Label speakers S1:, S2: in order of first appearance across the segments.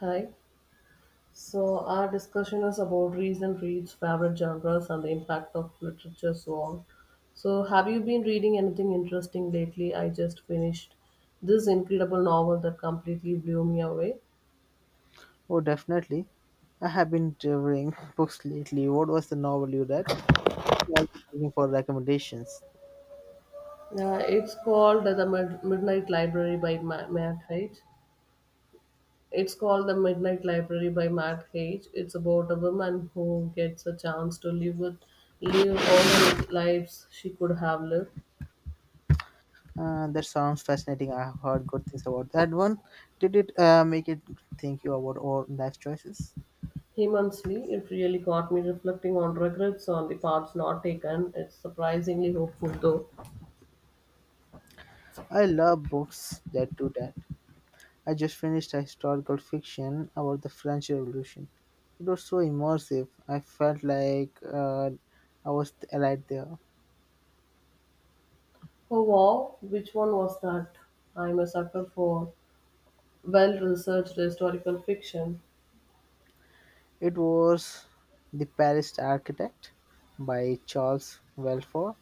S1: Hi. So our discussion is about recent reads, favorite genres, and the impact of literature, so on. So have you been reading anything interesting lately? I just finished this incredible novel that completely blew me away.
S2: Oh, definitely. I have been devouring books lately. What was the novel you read? I'm always looking for recommendations.
S1: It's called The Midnight Library by Matt Haig. It's called The Midnight Library by Matt Haig. It's about a woman who gets a chance to live all the lives she could have lived.
S2: That sounds fascinating. I have heard good things about that one. Did it make it think you about all life choices?
S1: Immensely. It really got me reflecting on regrets on the paths not taken. It's surprisingly hopeful though.
S2: I love books that do that. I just finished a historical fiction about the French Revolution. It was so immersive. I felt like I was right there.
S1: Oh wow, which one was that? I'm a sucker for well researched historical fiction.
S2: It was The Paris Architect by Charles Welford.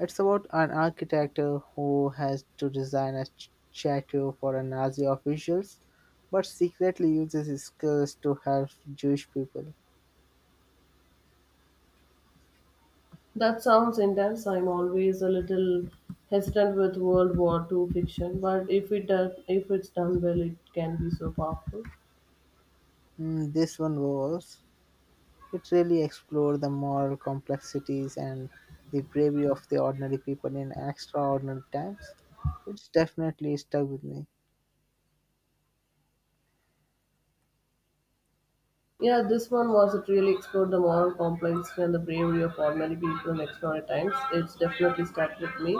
S2: It's about an architect who has to design a statue for a Nazi officials, but secretly uses his skills to help Jewish people.
S1: That sounds intense. I'm always a little hesitant with World War II fiction, but if it's done well, it can be so powerful.
S2: Mm, this one was. It really explored the moral complexities and the bravery of the ordinary people in extraordinary times. It's definitely stuck with me.
S1: Yeah, this one was it really explored the moral complexity and the bravery of ordinary people in extraordinary times. It's definitely stuck with me.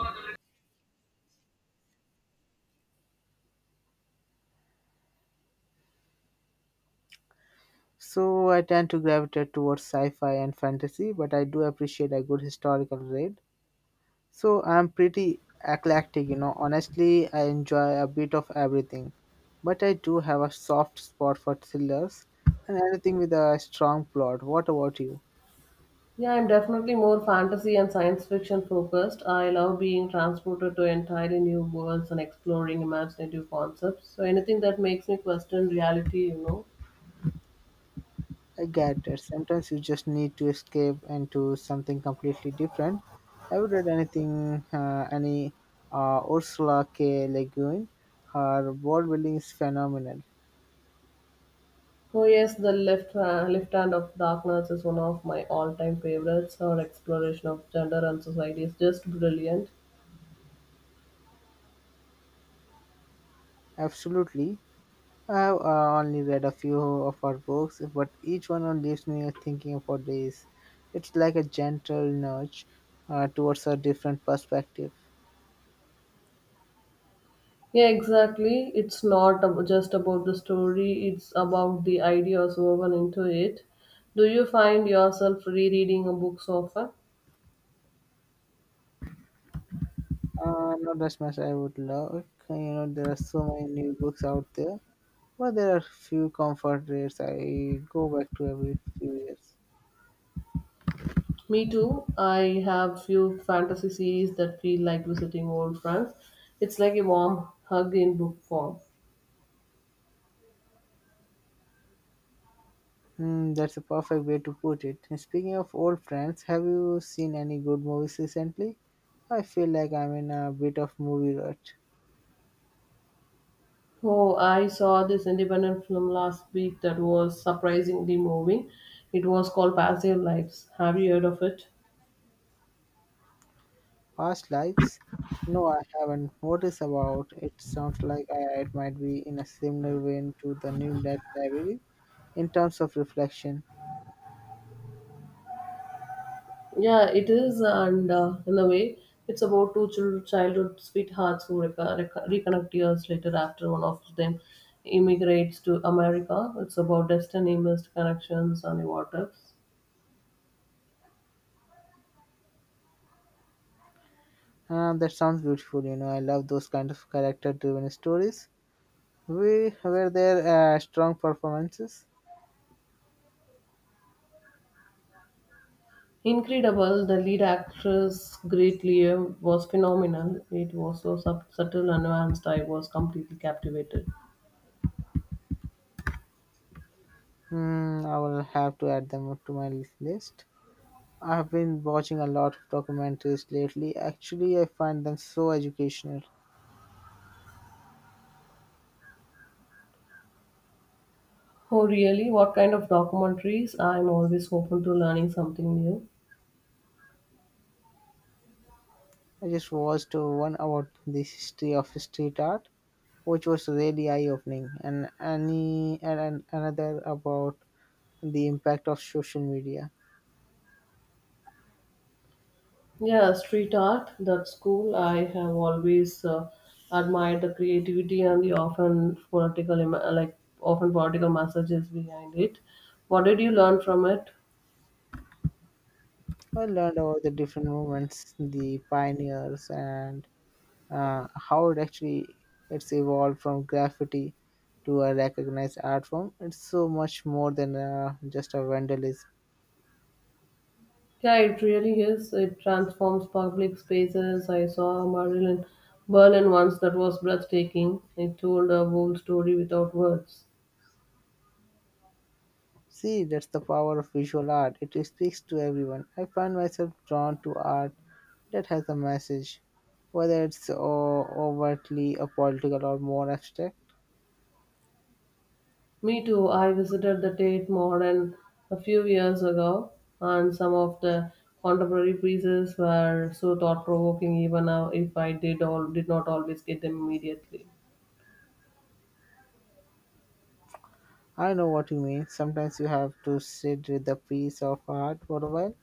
S2: So I tend to gravitate towards sci-fi and fantasy, but I do appreciate a good historical read. So I'm pretty eclectic, you know. Honestly, I enjoy a bit of everything, but I do have a soft spot for thrillers and anything with a strong plot. What about you?
S1: Yeah, I'm definitely more fantasy and science fiction focused. I love being transported to entirely new worlds and exploring imaginative concepts. So anything that makes me question reality.
S2: I get that sometimes you just need to escape into something completely different. Have you read any Ursula K. Le Guin? Her world building is phenomenal.
S1: Oh yes, the left hand of darkness is one of my all-time favorites. Her exploration of gender and society is just brilliant.
S2: Absolutely. I've only read a few of her books, but each one leaves me thinking for days. It's like a gentle nudge towards a different perspective.
S1: Yeah, exactly. It's not just about the story; it's about the ideas woven into it. Do you find yourself rereading a book so often?
S2: Not as much I would like. You know, there are so many new books out there, but there are few comfort reads I go back to every few years.
S1: Me too. I have few fantasy series that feel like visiting old friends. It's like a warm hug in book form.
S2: Hmm, that's a perfect way to put it. And speaking of old friends, have you seen any good movies recently? I feel like I'm in a bit of movie rut.
S1: Oh, I saw this independent film last week that was surprisingly moving. It was called Passive Lives. Have you heard of it?
S2: Past lives? No, I haven't. What is about? It sounds like it might be in a similar vein to the new Dead Library in terms of reflection.
S1: Yeah, it is, and in a way, it's about two childhood sweethearts who reconnect years later after one of them immigrates to America. It's about destiny, missed connections, and what ifs.
S2: Ah, that sounds beautiful. You know, I love those kind of character-driven stories. We were there strong performances.
S1: Incredible, the lead actress, Great Leo, was phenomenal. It was so subtle and nuanced, I was completely captivated.
S2: Hmm, I will have to add them to my list. I have been watching a lot of documentaries lately. Actually, I find them so educational.
S1: Oh, really? What kind of documentaries? I'm always open to learning something new.
S2: I just watched one about the history of street art which was really eye-opening, and another about the impact of social media.
S1: Yeah, street art, that's cool. I have always admired the creativity and the often political messages behind it. What did you learn from it?
S2: I learned about the different movements, the pioneers, and how it actually it's evolved from graffiti to a recognized art form. It's so much more than just a vandalism.
S1: Yeah, it really is. It transforms public spaces. I saw a mural in Berlin once that was breathtaking. It told a whole story without words.
S2: See, that's the power of visual art. It speaks to everyone. I find myself drawn to art that has a message, whether it's overtly a political or more abstract.
S1: Me too. I visited the Tate Modern a few years ago, and some of the contemporary pieces were so thought-provoking, even now if I did not always get them immediately.
S2: I know what you mean. Sometimes you have to sit with a piece of art for a while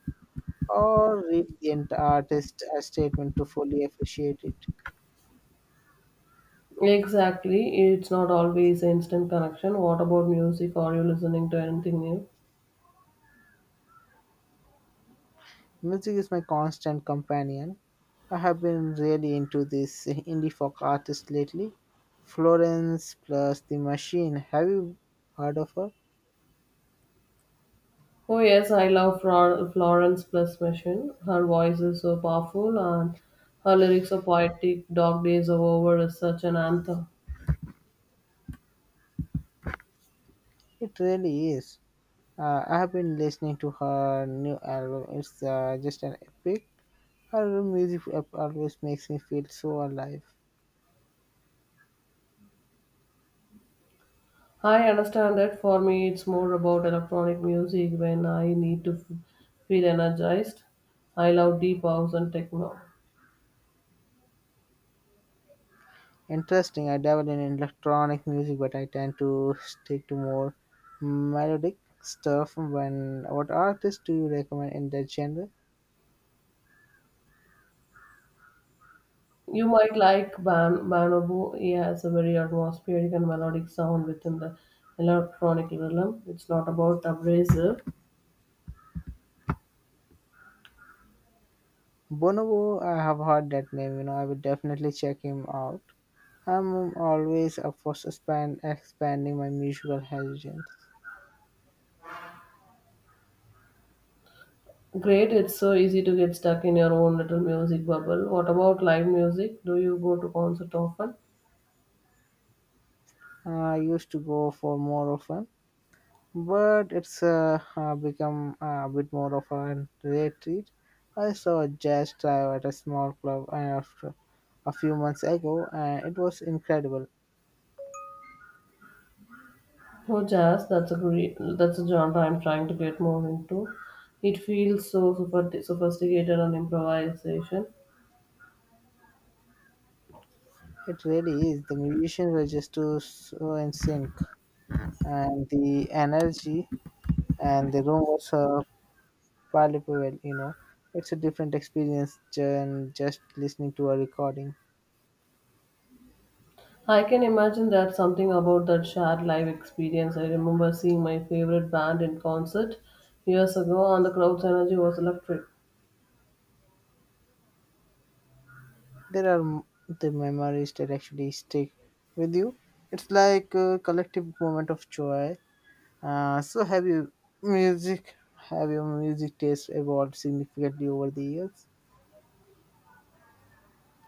S2: or read the artist's statement to fully appreciate it.
S1: Exactly. It's not always instant connection. What about music? Are you listening to anything new?
S2: Music is my constant companion. I have been really into this indie folk artist lately. Florence plus the Machine. Have you heard of her?
S1: Oh yes, I love Florence Plus Machine. Her voice is so powerful and her lyrics are poetic. Dog Days Are Over is such an anthem.
S2: It really is. I have been listening to her new album. It's just an epic. Her music always makes me feel so alive.
S1: I understand that for me it's more about electronic music when I need to feel energized. I love deep house and techno.
S2: Interesting. I dabble in electronic music, but I tend to stick to more melodic stuff. When what artist do you recommend in that genre?
S1: You might like Ban Bonobo. He has a very atmospheric and melodic sound within the electronic rhythm. It's not about abrasive.
S2: Bonobo, I have heard that name. You know, I will definitely check him out. I'm always up for suspend, expanding my musical horizons.
S1: Great, it's so easy to get stuck in your own little music bubble. What about live music? Do you go to concert often?
S2: I used to go for more often, but it's become a bit more of a retreat. I saw a jazz drive at a small club a few months ago, and it was incredible.
S1: Oh, jazz, that's a genre I'm trying to get more into. It feels so super sophisticated and improvisation.
S2: It really is. The musicians were just too so in sync, and the energy and the room was palpable. You know, it's a different experience than just listening to a recording.
S1: I can imagine that something about that shared live experience. I remember seeing my favorite band in concert years ago, and the crowd's energy was electric.
S2: There are m- the memories that actually stick with you. It's like a collective moment of joy. So have your music taste evolved significantly over the years?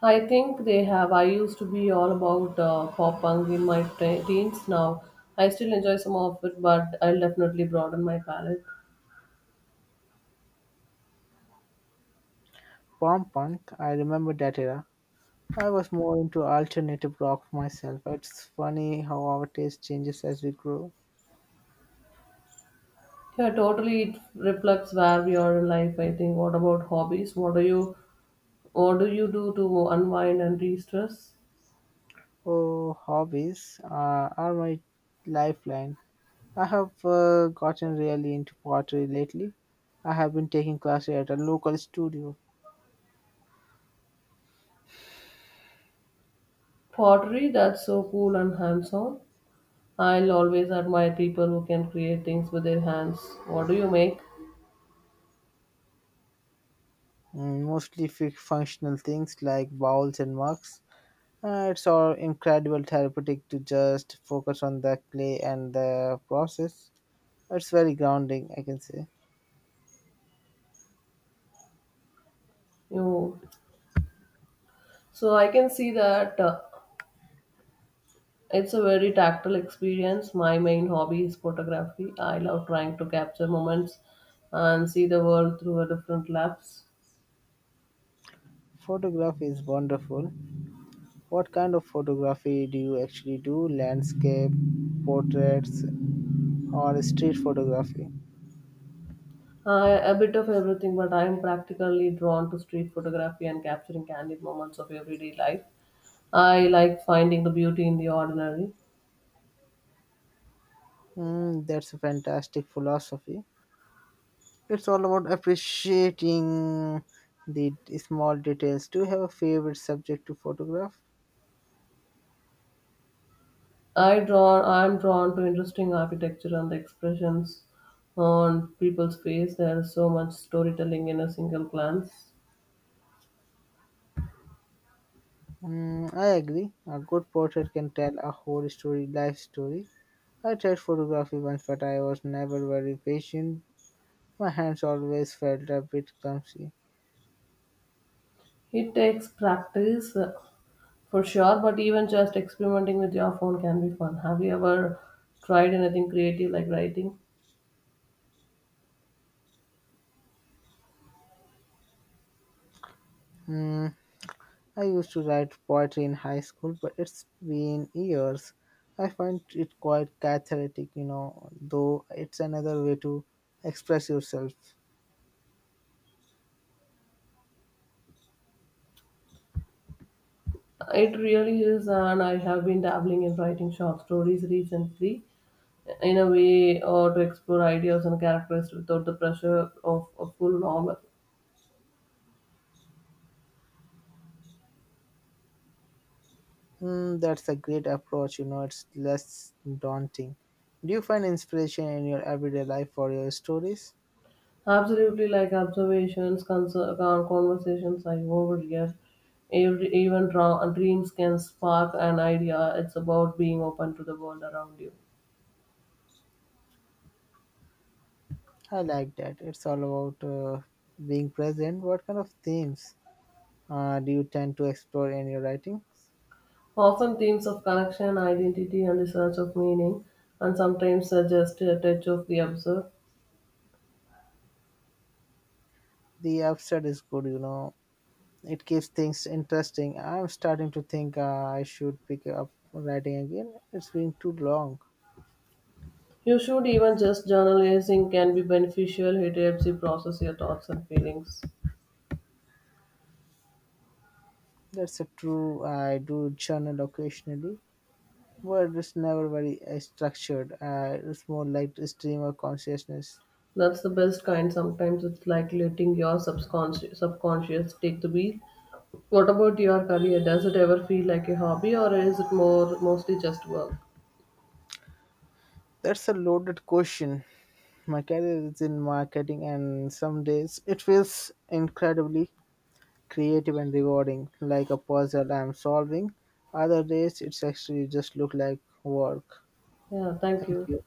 S1: I think they have. I used to be all about pop punk in my teens now. I still enjoy some of it, but I'll definitely broaden my palette.
S2: Pop punk, I remember that era. I was more into alternative rock myself. It's funny how our taste changes as we grow.
S1: Yeah, totally. It reflects where we are in life, I think. What about hobbies? What do you do to unwind and de-stress?
S2: Oh, hobbies are my lifeline. I have gotten really into pottery lately. I have been taking classes at a local studio,
S1: Pottery, that's so cool and hands-on. I'll always admire people who can create things with their hands. What do you make?
S2: mm, mostly functional things like bowls and mugs. It's all incredible therapeutic to just focus on the clay and the process. It's very grounding, I can say.
S1: You so I can see that it's a very tactile experience. My main hobby is photography. I love trying to capture moments and see the world through a different lens.
S2: Photography is wonderful. What kind of photography do you actually do? Landscape, portraits, or street photography?
S1: I a bit of everything, but I am practically drawn to street photography and capturing candid moments of everyday life. I like finding the beauty in the ordinary.
S2: Mm, that's a fantastic philosophy. It's all about appreciating the small details. Do you have a favorite subject to photograph?
S1: I am drawn to interesting architecture and the expressions on people's face. There is so much storytelling in a single glance.
S2: Mm, I agree. A good portrait can tell a whole story, life story. I tried photography once, but I was never very patient. My hands always felt a bit clumsy.
S1: It takes practice for sure, but even just experimenting with your phone can be fun. Have you ever tried anything creative like writing?
S2: Hmm. I used to write poetry in high school, but it's been years. I find it quite cathartic, though it's another way to express yourself.
S1: It really is, and I have been dabbling in writing short stories recently in a way or to explore ideas and characters without the pressure of a full novel.
S2: Hmm, that's a great approach, it's less daunting. Do you find inspiration in your everyday life for your stories?
S1: Absolutely, like observations, conversations I overhear, even dreams can spark an idea. It's about being open to the world around you.
S2: I like that. It's all about being present. What kind of themes? Do you tend to explore in your writings?
S1: Often themes of connection, identity, and the search of meaning, and sometimes just a touch of the absurd.
S2: The abstract is good, you know. It keeps things interesting. I'm starting to think I should pick up writing again. It's been too long.
S1: You should even just journalizing can be beneficial. It helps you process your thoughts and feelings.
S2: That's a true. I do journal occasionally, but it's never very structured. It's more like a stream of consciousness.
S1: That's the best kind. Sometimes it's like letting your subconscious take the wheel. What about your career? Does it ever feel like a hobby, or is it more mostly just work?
S2: That's a loaded question. My career is in marketing, and some days it feels incredibly creative and rewarding, like a puzzle I'm solving. Other days, it's actually just look like work.
S1: Yeah, thank
S2: Thank
S1: you.
S2: you.